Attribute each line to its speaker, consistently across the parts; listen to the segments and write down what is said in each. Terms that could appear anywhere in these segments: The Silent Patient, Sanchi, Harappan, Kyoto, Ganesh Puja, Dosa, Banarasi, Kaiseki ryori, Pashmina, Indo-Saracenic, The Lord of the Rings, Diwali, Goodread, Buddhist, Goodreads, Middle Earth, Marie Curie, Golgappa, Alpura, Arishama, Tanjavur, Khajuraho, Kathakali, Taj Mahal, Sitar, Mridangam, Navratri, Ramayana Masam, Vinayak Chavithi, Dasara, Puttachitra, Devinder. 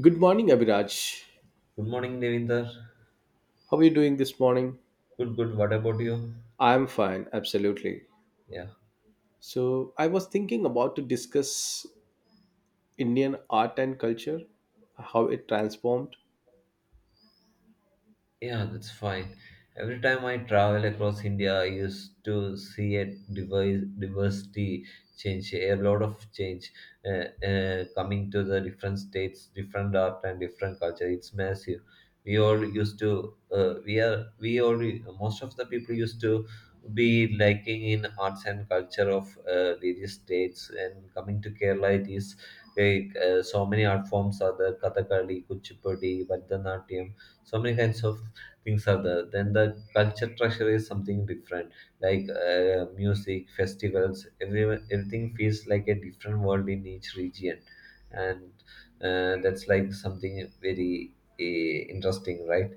Speaker 1: Good morning, Abhiraj.
Speaker 2: Good morning, Devinder.
Speaker 1: How are you doing this morning?
Speaker 2: Good, good. What about you?
Speaker 1: I'm fine, absolutely.
Speaker 2: Yeah.
Speaker 1: So, I was thinking about to discuss Indian art and culture, how it transformed.
Speaker 2: Yeah, that's fine. Every time I travel across India, I used to see a diversity change, a lot of change coming to the different states, different art and different culture. It's massive. We all used to, we are, we all, Most of the people used to be liking in arts and culture of various states. And coming to Kerala, it is like so many art forms are there: Kathakali, Kuchipudi, Bharatanatyam, so many kinds of things are there, then the culture treasure is something different, like music festivals, everyone, everything feels like a different world in each region, and that's like something very interesting, right?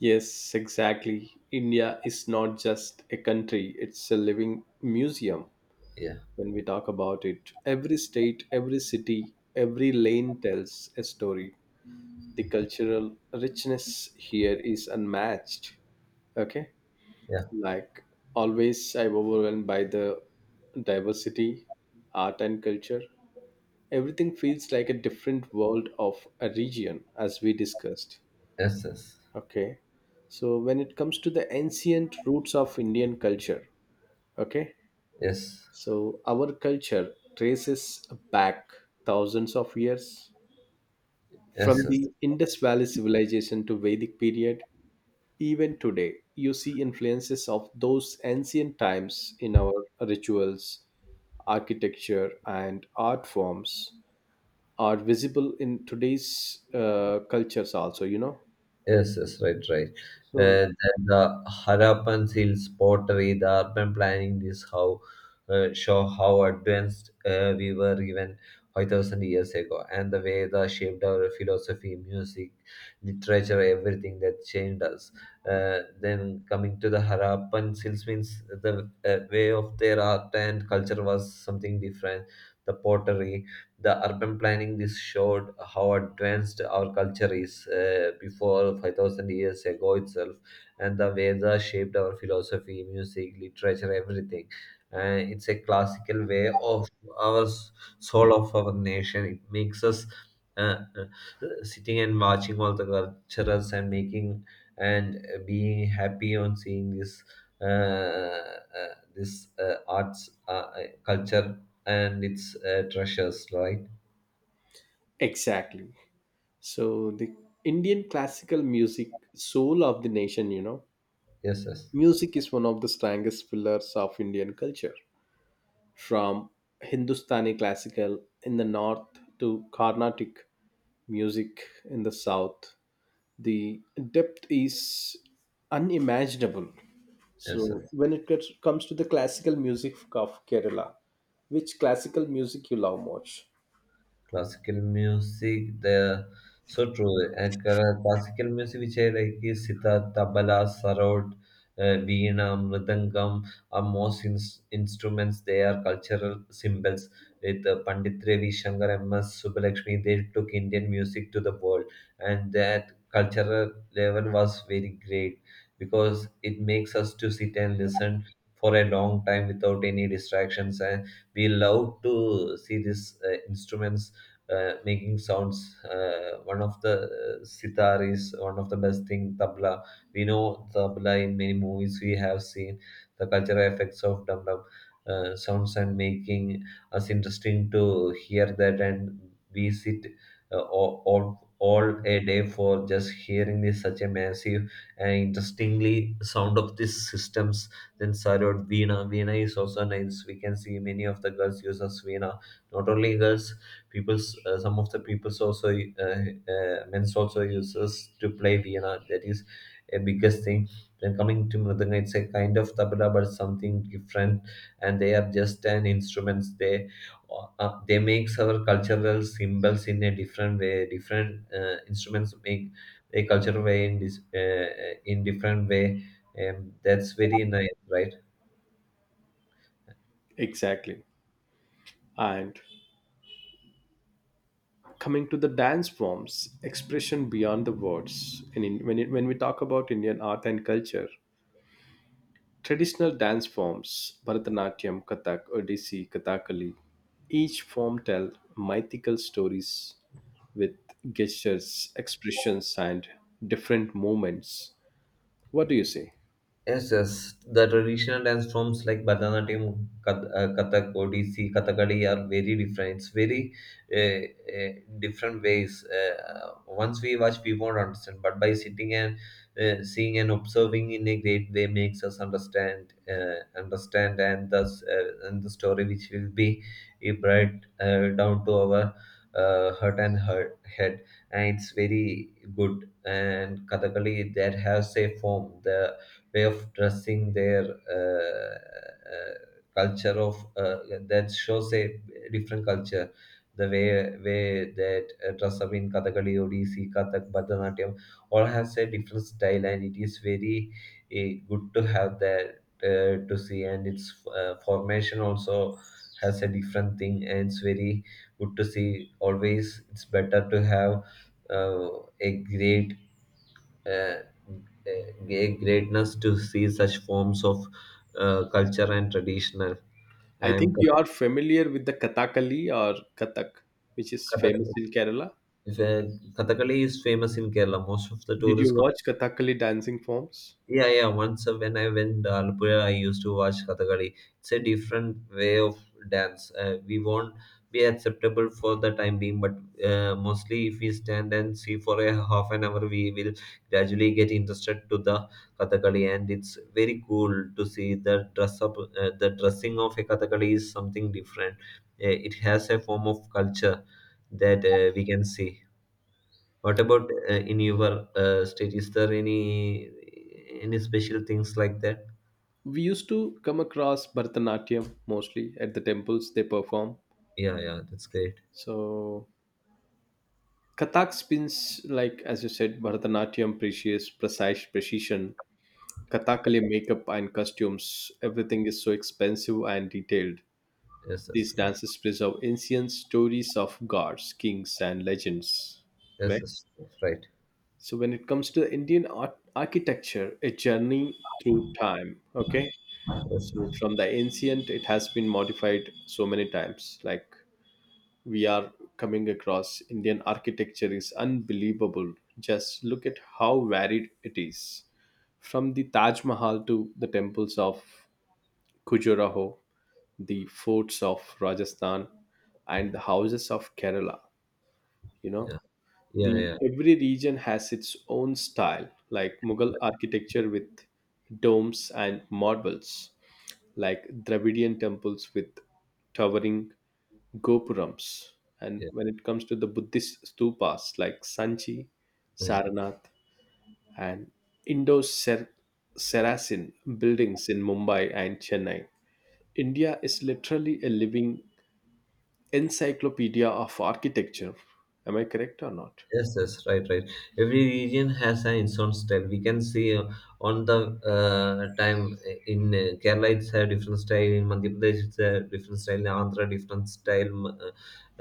Speaker 1: Yes, exactly. India is not just a country, it's a living museum
Speaker 2: Yeah,
Speaker 1: when we talk about it. Every state, every city, every lane tells a story. The cultural richness here is unmatched. Okay.
Speaker 2: yeah,
Speaker 1: Like always, I'm overwhelmed by the diversity, art, and culture. Everything feels like a different world of a region, as we discussed.
Speaker 2: yes, yes,
Speaker 1: Okay. So, when it comes to the ancient roots of Indian culture, okay,
Speaker 2: yes,
Speaker 1: so our culture traces back thousands of years from
Speaker 2: yes, yes.
Speaker 1: the Indus Valley civilization to Vedic period. Even today, you see influences of those ancient times in our rituals, architecture, and art forms are visible in today's cultures also, you know?
Speaker 2: Yes, yes, right, right.
Speaker 1: So,
Speaker 2: Then the Harappan Hills pottery, the urban planning, this how show how advanced we were even 5000 years ago, and the way that shaped our philosophy, music, literature, everything that changed us. Then coming to the Harappan Hills means the way of their art and culture was something different. The pottery, the urban planning, this showed how advanced our culture is before 5000 years ago itself, and the vedas shaped our philosophy, music, literature, everything. It's a classical way of our soul of our nation. It makes us uh, uh, sitting and watching all the cultures and making, and being happy on seeing this arts, culture and its treasures, right?
Speaker 1: exactly. So, the Indian classical music, soul of the nation, you know,
Speaker 2: Yes, yes,
Speaker 1: music is one of the strongest pillars of Indian culture. From Hindustani classical in the north to Carnatic music in the south, the depth is unimaginable.
Speaker 2: yes, sir.
Speaker 1: So when it comes to the classical music of Kerala, which classical music you love much?
Speaker 2: Classical music, the so true. And classical music which I like is sitar, tabla, sarod, veena, mridangam are most instruments. They are cultural symbols. With Pandit Ravi Shankar, MS Subbulakshmi, they took Indian music to the world, and that cultural level was very great, because it makes us to sit and listen for a long time without any distractions, and we love to see these instruments making sounds. One of the sitar is one of the best thing. Tabla, we know tabla in many movies. We have seen the cultural effects of dum dum sounds and making us interesting to hear that. And we sit all a day for just hearing this such a massive and interestingly sound of these systems. Then Sarod, Veena. Veena is also nice. We can see many of the girls uses Veena. Not only girls, people, some of the peoples also men's also uses to play Vienna. That is a biggest thing. Then coming to Mridanga, it's a kind of tabla but something different, and they are just an instruments. They makes our cultural symbols in a different way. Different instruments make a cultural way in this in different way. That's very nice, right?
Speaker 1: Exactly. And coming to the dance forms, expression beyond the words. And in, when, it, when we talk about Indian art and culture, traditional dance forms, Bharatanatyam, Kathak, Odissi, Kathakali, each form tell mythical stories with gestures, expressions, and different movements. What do you say?
Speaker 2: Yes, yes. The traditional dance forms like Bharatanatyam, Kathak, Odissi, Kathakali are very different. It's very uh, uh, different ways. Once we watch, we won't understand. But by sitting and seeing and observing in a great way makes us understand, and thus and the story which will be brought down to our heart, head. And it's very good. And Kathakali that has a form. The way of dressing, their uh, uh, culture of that shows a different culture. The way that dress up in Kathakali, Odissi, Kathak, Bharatanatyam, all has a different style, and it is very good to have that to see. And its formation also has a different thing, and it's very good to see. Always, it's better to have uh, a great uh, a greatness to see such forms of culture and traditional.
Speaker 1: I
Speaker 2: And
Speaker 1: think you are familiar with the Kathakali or Kathak, which is
Speaker 2: Kath-
Speaker 1: famous
Speaker 2: Kath-
Speaker 1: in Kerala.
Speaker 2: if, Kathakali is famous in Kerala. Most of the
Speaker 1: Did you
Speaker 2: tourists.
Speaker 1: watch Kathakali dancing forms?
Speaker 2: Yeah, yeah. Once when I went Alpura, I used to watch Kathakali. It's a different way of dance. We won't be acceptable for the time being, but mostly if we stand and see for a half an hour, we will gradually get interested to the Kathakali, and it's very cool to see the dress up. The dressing of a Kathakali is something different. It has a form of culture that we can see. What about in your state? Is there any special things like that?
Speaker 1: We used to come across Bharatanatyam mostly at the temples they perform.
Speaker 2: Yeah, yeah, that's great.
Speaker 1: So Kathak spins like as you said, Bharatanatyam precious precise precision. Kathakali makeup and costumes, everything is so expensive and detailed.
Speaker 2: Yes,
Speaker 1: These
Speaker 2: that's right.
Speaker 1: dances preserve ancient stories of gods, kings, and legends.
Speaker 2: Yes,
Speaker 1: Correct?
Speaker 2: that's right.
Speaker 1: So, when it comes to the architecture, a journey through time, okay?
Speaker 2: Yes,
Speaker 1: So, from the ancient, it has been modified so many times. Like, we are coming across Indian architecture is unbelievable. Just look at how varied it is. From the Taj Mahal to the temples of Khajuraho, the forts of Rajasthan, and the houses of Kerala, you know,
Speaker 2: yeah,
Speaker 1: the
Speaker 2: yeah, yeah,
Speaker 1: every region has its own style, like Mughal architecture with domes and marbles, like Dravidian temples with towering gopurams, and
Speaker 2: yeah,
Speaker 1: when it comes to the Buddhist stupas like Sanchi,
Speaker 2: yeah.
Speaker 1: Saranath, and indo saracen buildings in Mumbai and Chennai, India is literally a living encyclopedia of architecture. Am I correct or not?
Speaker 2: Yes, yes, right, right. Every region has an its own style. We can see on the time in Kerala it's a different style, in Madhya Pradesh it's a different style, in Andhra different style, m- uh,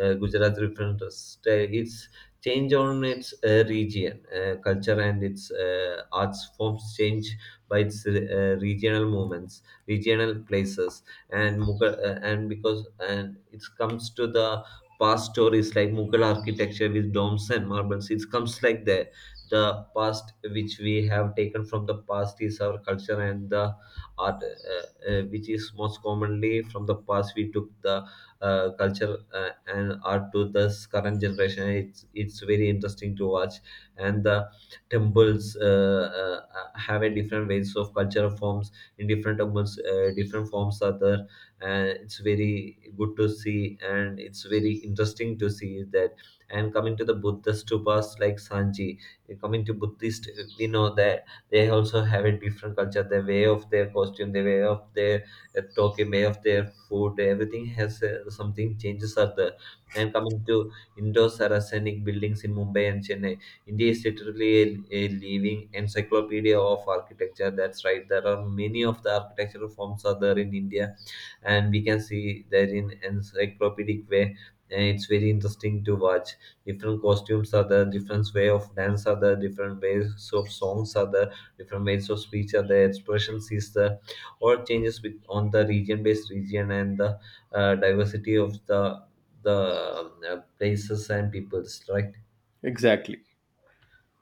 Speaker 2: uh, Gujarat different style. It's change on its region, culture, and its arts forms change by its regional movements, regional places, and Mughal, and it comes to the past stories like Mughal architecture with domes and marbles. It comes like the past which we have taken from the past is our culture, and the art, which is most commonly from the past. We took the culture and art to this current generation. It's very interesting to watch, and the temples have a different ways of cultural forms in different temples. Different forms are there, and it's very good to see, and it's very interesting to see that, and coming to the Buddhist stupas like Sanchi, coming to Buddhist, we know that they also have a different culture, the way of their costume, the way of their talking, way of their food, everything has something changes are there. And coming to Indo-Saracenic buildings in Mumbai and Chennai, India is literally a living encyclopedia of architecture. That's right. There are many of the architectural forms are there in India, and we can see that in encyclopedic way, and it's very interesting to watch. Different costumes are the different way of dance are the different ways of songs are the different ways of speech are the expressions is the or changes with on the region based region, and the diversity of the places and peoples, right?
Speaker 1: Exactly.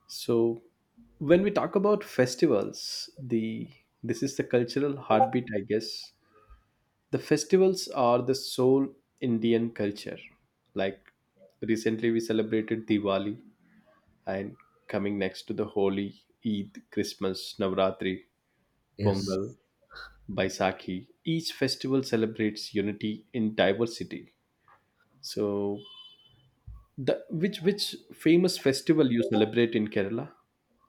Speaker 1: So when we talk about festivals, the this is the cultural heartbeat, I guess. The festivals are the sole Indian culture. Like, recently we celebrated Diwali, and coming next to the Holi, Eid, Christmas, Navratri,
Speaker 2: Yes.
Speaker 1: Pongal, Baisakhi. Each festival celebrates unity in diversity. So the which famous festival you celebrate in Kerala?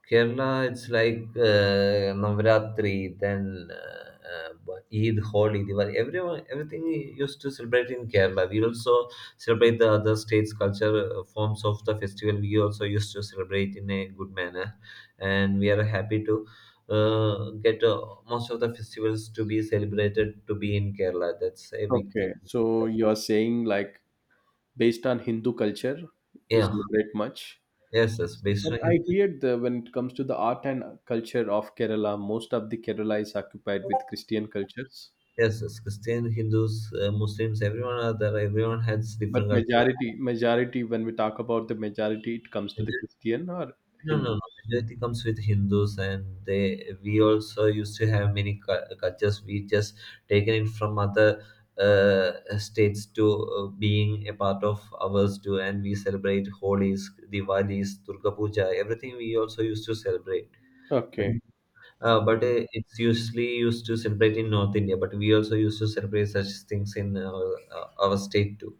Speaker 2: Kerala, it's like Navratri, then Eid, Holi, Diwali. Everyone, everything we used to celebrate in Kerala. We also celebrate the other states' culture forms of the festival. We also used to celebrate in a good manner, and we are happy to get most of the festivals to be celebrated to be in Kerala. That's a big
Speaker 1: Okay,
Speaker 2: thing.
Speaker 1: so you're saying like based on Hindu culture, you
Speaker 2: Yeah,
Speaker 1: celebrate much.
Speaker 2: yes, yes. Based
Speaker 1: But
Speaker 2: on
Speaker 1: I
Speaker 2: Hindu,
Speaker 1: hear the, when it comes to the art and culture of Kerala, most of the Kerala is occupied with Christian cultures.
Speaker 2: yes, yes. Christian, Hindus, Muslims, everyone are there. Everyone has different
Speaker 1: But
Speaker 2: cultures.
Speaker 1: majority, when we talk about the majority, it comes to the
Speaker 2: Majority,
Speaker 1: Christian or
Speaker 2: no, no,
Speaker 1: Hindu.
Speaker 2: no. Majority comes with Hindus, and they, we also used to have many cultures. We just taken it from other states to being a part of ours too, and we celebrate Holi's, Diwali's, Durga Puja, everything we also used to celebrate. But,
Speaker 1: Okay,
Speaker 2: but it's usually used to celebrate in North India, but we also used to celebrate such things in our state too.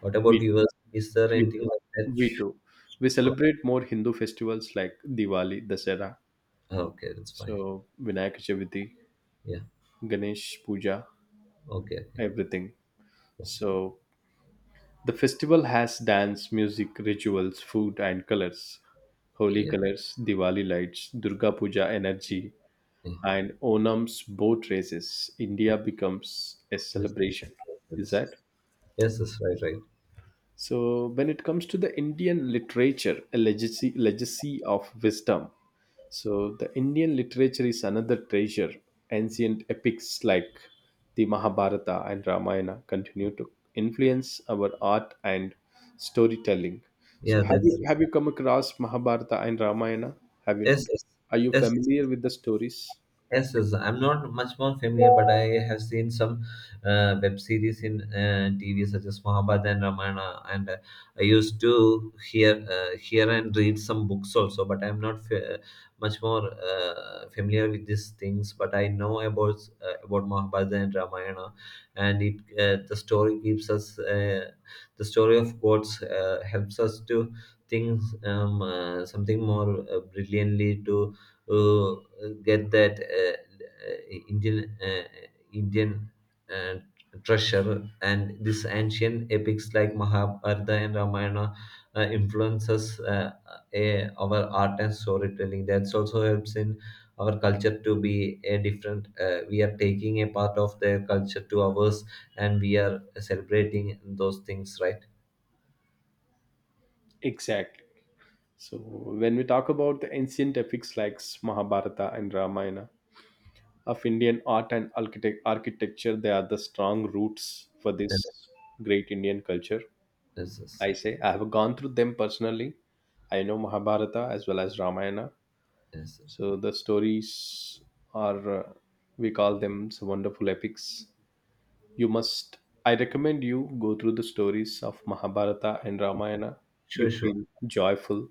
Speaker 2: What about
Speaker 1: we
Speaker 2: yours? Is there
Speaker 1: we
Speaker 2: anything
Speaker 1: too,
Speaker 2: like that?
Speaker 1: we too. We
Speaker 2: Oh,
Speaker 1: celebrate more Hindu festivals like Diwali, Dasara,
Speaker 2: okay, that's fine.
Speaker 1: so Vinayak Chavithi,
Speaker 2: Yeah.
Speaker 1: Ganesh Puja,
Speaker 2: Okay.
Speaker 1: everything.
Speaker 2: Okay.
Speaker 1: So the festival has dance, music, rituals, food, and colors. Holy
Speaker 2: Yeah,
Speaker 1: colors, Diwali lights, Durga Puja energy,
Speaker 2: yeah,
Speaker 1: and Onam's boat races. India becomes a
Speaker 2: yes,
Speaker 1: celebration. Is that?
Speaker 2: yes, that's right, right.
Speaker 1: So when it comes to the Indian literature, a legacy of wisdom. So the Indian literature is another treasure. Ancient epics like the Mahabharata and Ramayana continue to influence our art and storytelling. So
Speaker 2: Yeah,
Speaker 1: have you
Speaker 2: that's
Speaker 1: have you come across Mahabharata and Ramayana? Have
Speaker 2: yes,
Speaker 1: you
Speaker 2: yes,
Speaker 1: Are you
Speaker 2: yes.
Speaker 1: familiar with the stories?
Speaker 2: Yes, yes, I'm not much more familiar, but I have seen some web series in TV such as Mahabharata and Ramayana, and I used to hear and read some books also. But I'm not fa- much more familiar with these things. But I know about Mahabharata and Ramayana, and it the story gives us. The story of gods helps us to think something more brilliantly to uh, get that uh, Indian, Indian uh, treasure, and these ancient epics like Mahabharata and Ramayana influences our art and storytelling. That also helps in our culture to be a different. We are taking a part of their culture to ours, and we are celebrating those things, right?
Speaker 1: Exactly. So when we talk about the ancient epics like Mahabharata and Ramayana, of Indian art and architecture. They are the strong roots for this
Speaker 2: Yes,
Speaker 1: great Indian culture.
Speaker 2: yes, yes.
Speaker 1: I say I have gone through them personally. I know Mahabharata as well as Ramayana.
Speaker 2: Yes.
Speaker 1: So the stories are, we call them some wonderful epics. You must, I recommend you go through the stories of Mahabharata and Ramayana.
Speaker 2: Sure,
Speaker 1: You
Speaker 2: sure.
Speaker 1: feel joyful.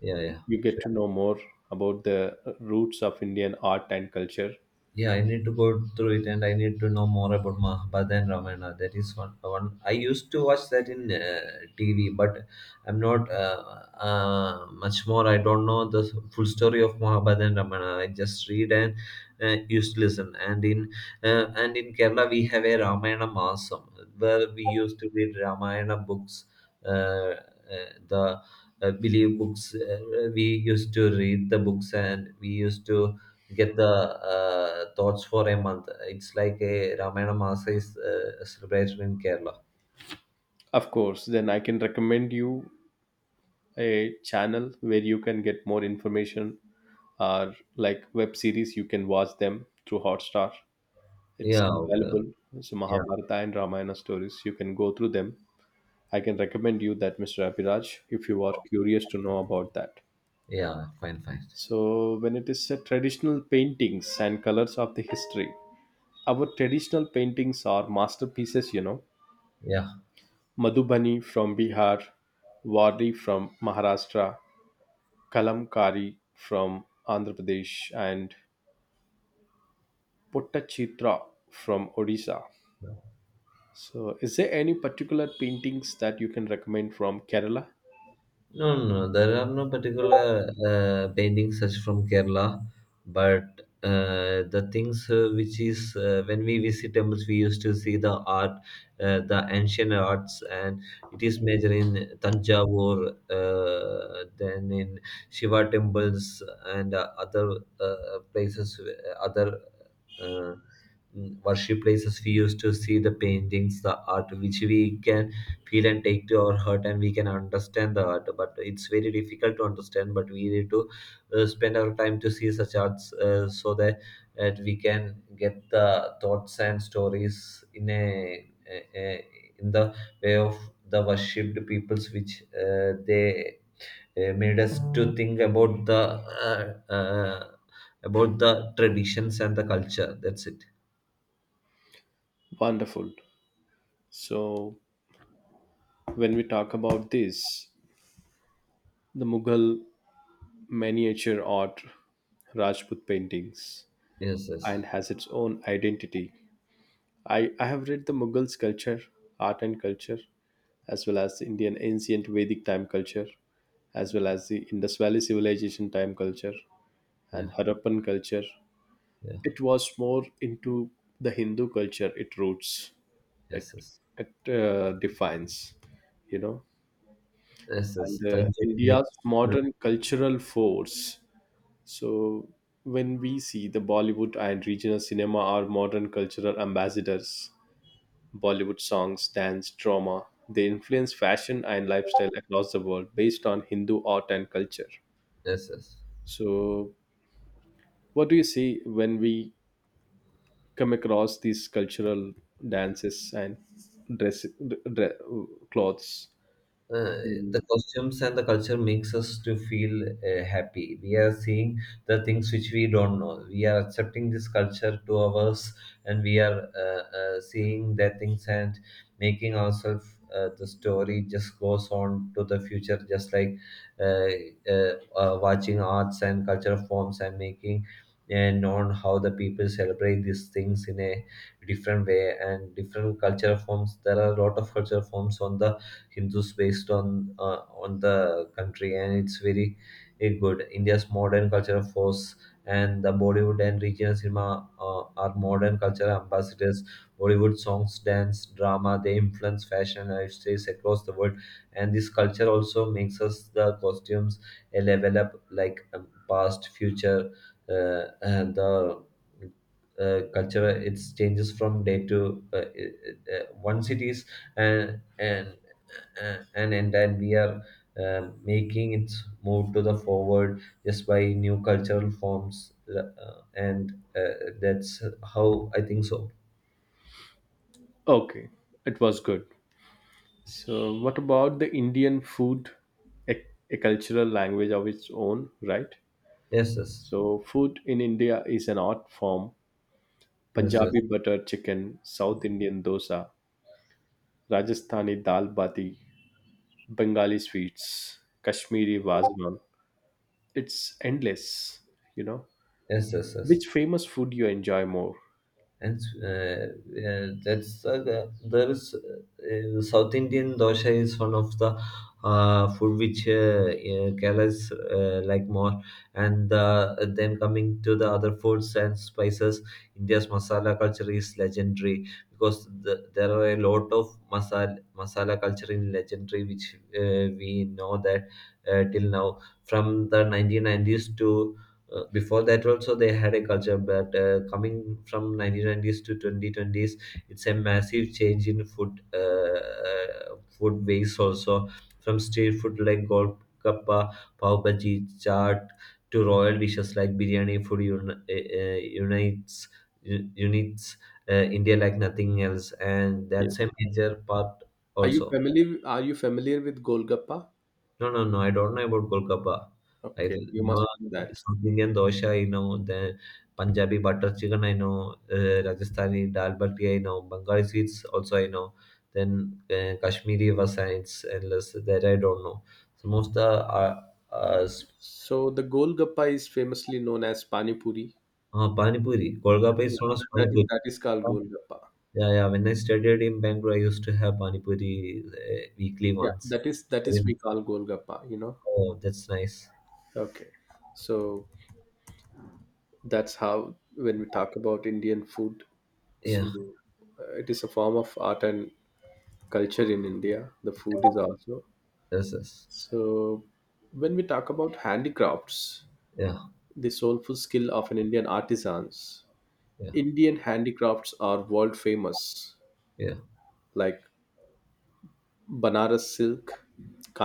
Speaker 2: Yeah, yeah.
Speaker 1: You
Speaker 2: Sure.
Speaker 1: get to know more about the roots of Indian art and culture.
Speaker 2: Yeah, I need to go through it, and I need to know more about Mahabharata and Ramayana. That is one. I used to watch that in TV, but I'm not much more. I don't know the full story of Mahabharata and Ramayana. I just read and used to listen. And in Kerala, we have a Ramayana Masam where we used to read Ramayana books. The believe books we used to read the books, and we used to get the thoughts for a month. It's like a Ramayana Masa is celebrated in Kerala.
Speaker 1: Of course, then I can recommend you a channel where you can get more information, or like web series you can watch them through Hotstar. It's
Speaker 2: Yeah, okay.
Speaker 1: available. So
Speaker 2: Yeah,
Speaker 1: Mahabharata and Ramayana stories you can go through them. I can recommend you that, Mr. Abhiraj, if you are curious to know about that.
Speaker 2: yeah. Fine, fine.
Speaker 1: So when it is traditional paintings and colors of the history, our traditional paintings are masterpieces, you know.
Speaker 2: Yeah.
Speaker 1: Madhubani from Bihar, Wari from Maharashtra, Kalamkari from Andhra Pradesh, and Puttachitra from Odisha. So, is there any particular paintings that you can recommend from Kerala?
Speaker 2: No, no, no. There are no particular paintings such from Kerala, but the things which is when we visit temples, we used to see the art, the ancient arts, and it is major in Tanjavur, then in Shiva temples and other places, other uh, worship places. We used to see the paintings, the art which we can feel and take to our heart, and we can understand the art, but it's very difficult to understand, but we need to spend our time to see such arts so that we can get the thoughts and stories in a in the way of the worshipped peoples which they made us to think uh, uh, about the traditions and the culture. That's it.
Speaker 1: Wonderful. So, when we talk about this, the Mughal miniature art, Rajput paintings,
Speaker 2: Yes, yes.
Speaker 1: and has its own identity. I have read the Mughal culture, art and culture, as well as the Indian ancient Vedic time culture, as well as the Indus Valley civilization time culture
Speaker 2: Yeah,
Speaker 1: and Harappan culture.
Speaker 2: yeah.
Speaker 1: It was more into the Hindu culture. It roots. It
Speaker 2: Yes, yes.
Speaker 1: it defines. You know,
Speaker 2: Yes, yes,
Speaker 1: and
Speaker 2: thank
Speaker 1: India's
Speaker 2: you.
Speaker 1: modern cultural force. So when we see the Bollywood and regional cinema are modern cultural ambassadors, Bollywood songs, dance, drama. They influence fashion and lifestyle across the world based on Hindu art and culture.
Speaker 2: Yes, yes.
Speaker 1: So, what do you see when we come across these cultural dances and dress, dre- clothes
Speaker 2: Uh, the
Speaker 1: in.
Speaker 2: costumes and the culture makes us to feel happy. We are seeing the things which we don't know. We are accepting this culture to ours, and we are seeing that things and making ourselves, the story just goes on to the future, just like uh, watching arts and cultural forms, and making and on how the people celebrate these things in a different way and different cultural forms. There are a lot of cultural forms on the Hindus based on the country, and it's very, very good. India's modern cultural force and the Bollywood and regional cinema are modern cultural ambassadors. Bollywood songs, dance, drama, they influence fashion lifestyles across the world, and this culture also makes us the costumes a level up, like past, future, and the culture, it changes from day to one cities, and and then we are making its move to the forward just by new cultural forms, and that's how I think so.
Speaker 1: Okay, it was good. So what about the Indian food, a, a cultural language of its own, right?
Speaker 2: Yes, yes.
Speaker 1: So food in India is an art form.
Speaker 2: Yes, yes.
Speaker 1: Punjabi butter chicken, South Indian dosa, Rajasthani dal bati, Bengali sweets, Kashmiri wazwan, it's endless, you know.
Speaker 2: Yes, yes, yes.
Speaker 1: Which famous food you enjoy more?
Speaker 2: And uh, yeah, that's there is South Indian dosha is one of the food which Kerala's like more, and then coming to the other foods and spices, India's masala culture is legendary because there are a lot of masala culture in legendary which we know that till now, from the 1990s to before that also they had a culture, but coming from 1990s to 2020s, it's a massive change in food, food ways also, from street food like golgappa, pav bhaji, chaat, to royal dishes like biryani. Food unites, unites India like nothing else, and that's a
Speaker 1: Yes.
Speaker 2: major part
Speaker 1: Are you
Speaker 2: also.
Speaker 1: familiar? Are you familiar with Golgappa?
Speaker 2: No, no, no. I don't know about Golgappa. I
Speaker 1: Okay, you
Speaker 2: know
Speaker 1: must know that.
Speaker 2: South Indian dosha. I know, then Punjabi butter chicken. I know, Rajasthani dal bati. I know Bengali sweets also. I know, then Kashmiri was, it's endless. That I don't know. Some of the uh, s-
Speaker 1: So the Golgappa is famously known as Pani Puri.
Speaker 2: pani puri.
Speaker 1: Yeah,
Speaker 2: Golgappa is
Speaker 1: yeah,
Speaker 2: known as
Speaker 1: that,
Speaker 2: pani
Speaker 1: that is
Speaker 2: puri.
Speaker 1: that is called Golgappa.
Speaker 2: Yeah, yeah. When I studied in Bangalore, I used to have pani puri weekly
Speaker 1: Yeah,
Speaker 2: once.
Speaker 1: that is, that is we call Golgappa, you know.
Speaker 2: Oh, that's nice.
Speaker 1: Okay, so that's how when we talk about Indian food,
Speaker 2: Yeah.
Speaker 1: so it is a form of art and culture in India. The food is also
Speaker 2: Yes, yes.
Speaker 1: so. When we talk about handicrafts,
Speaker 2: Yeah,
Speaker 1: the soulful skill of an Indian artisans,
Speaker 2: yeah,
Speaker 1: Indian handicrafts are world famous,
Speaker 2: yeah,
Speaker 1: like Banaras silk,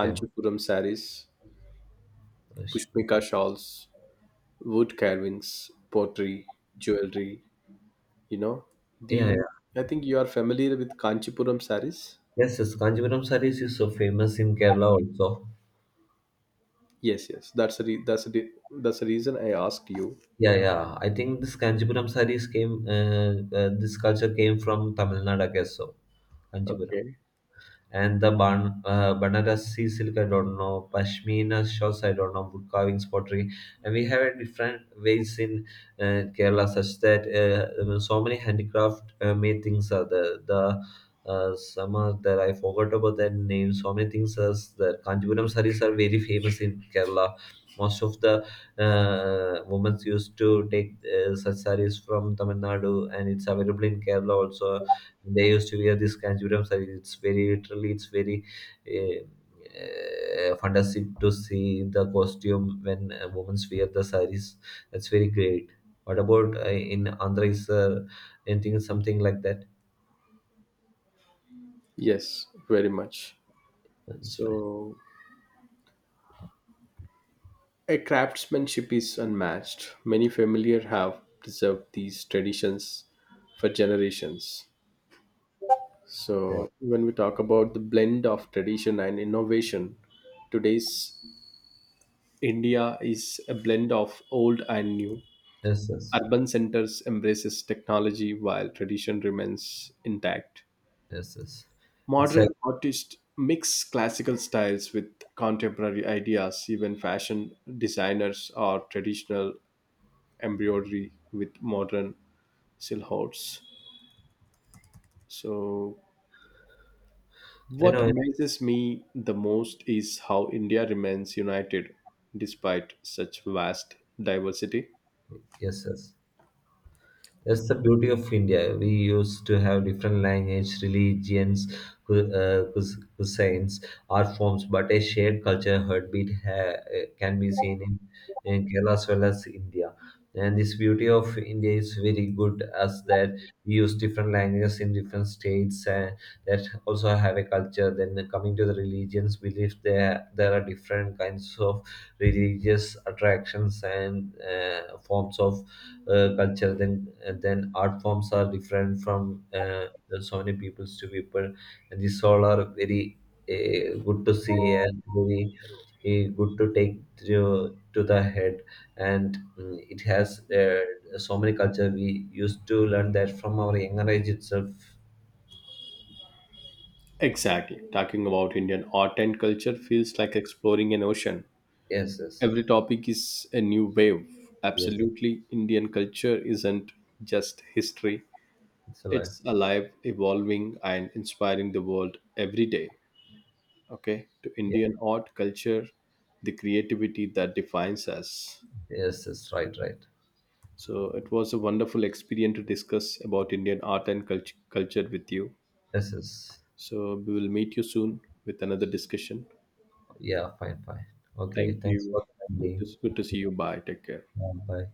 Speaker 2: yeah.
Speaker 1: saris,
Speaker 2: Kashmir.
Speaker 1: Pushmika shawls, wood carvings, pottery, jewelry. You know,
Speaker 2: Yeah,
Speaker 1: the
Speaker 2: yeah.
Speaker 1: I think you are familiar with Kanchipuram saris.
Speaker 2: Yes, yes. Kanjipuram sarees is so famous in Kerala also.
Speaker 1: Yes, yes, that's the reason I asked you.
Speaker 2: Yeah, yeah. I think this Kanjipuram sarees came, this culture came from Tamil Nadu, I guess so. Kanjipuram.
Speaker 1: Okay.
Speaker 2: And the Banarasi silk, I don't know, Pashmina shawls, I don't know, wood carvings, pottery, and we have a different ways in Kerala, such that so many handicraft made things are there. The some are there. I forgot about their name. So many things are there. Kanchipuram sarees are very famous in Kerala. Most of the women used to take such sarees from Tamil Nadu, and it's available in Kerala also. They used to wear this kanchipuram saree. It's very literally, it's very fantastic to see the costume when women wear the sarees. That's very great. What about in Andhra? Is there anything something like that?
Speaker 1: Yes, very much.
Speaker 2: That's fine.
Speaker 1: So, a craftsmanship is unmatched. Many familiar have preserved these traditions for generations.
Speaker 2: Yeah.
Speaker 1: So, when we talk about the blend of tradition and innovation, today's India is a blend of old and new.
Speaker 2: Yes, yes,
Speaker 1: Urban centers embraces technology while tradition remains intact.
Speaker 2: yes, yes. It's a,
Speaker 1: Modern artists mix classical styles with contemporary ideas. Even fashion designers are traditional embroidery with modern silhouettes. So,
Speaker 2: I
Speaker 1: what
Speaker 2: know.
Speaker 1: amazes me the most is how India remains united despite such vast diversity.
Speaker 2: Yes, yes. That's the beauty of India. We used to have different language, religions, cuisines, art forms, but a shared culture heartbeat can be seen in Kerala as well as India. And this beauty of India is very good, as that we use different languages in different states, and that also have a culture. Then coming to the religions, belief, there are different kinds of religious attractions and forms of culture, then art forms are different from so many peoples to people, and these all are very good to see, and very good to take to the head, and mm, it has so many culture we used to learn that from our younger age itself.
Speaker 1: Exactly. Talking about Indian art and culture feels like exploring an ocean.
Speaker 2: Yes, yes.
Speaker 1: Every topic is a new wave.
Speaker 2: Yes.
Speaker 1: Absolutely, Indian culture isn't just history,
Speaker 2: It's alive.
Speaker 1: it's alive, evolving, and inspiring the world every day. Okay, to
Speaker 2: Yeah.
Speaker 1: Indian art, culture, the creativity that defines us.
Speaker 2: Yes, yes. Right, right.
Speaker 1: So it was a wonderful experience to discuss about Indian art and culture with you.
Speaker 2: Yes, yes.
Speaker 1: So we will meet you soon with another discussion.
Speaker 2: Yeah, fine, fine. Okay,
Speaker 1: Thank
Speaker 2: thanks for
Speaker 1: you.
Speaker 2: the time being.
Speaker 1: Good to see you. Bye. Take care.
Speaker 2: Yeah, bye.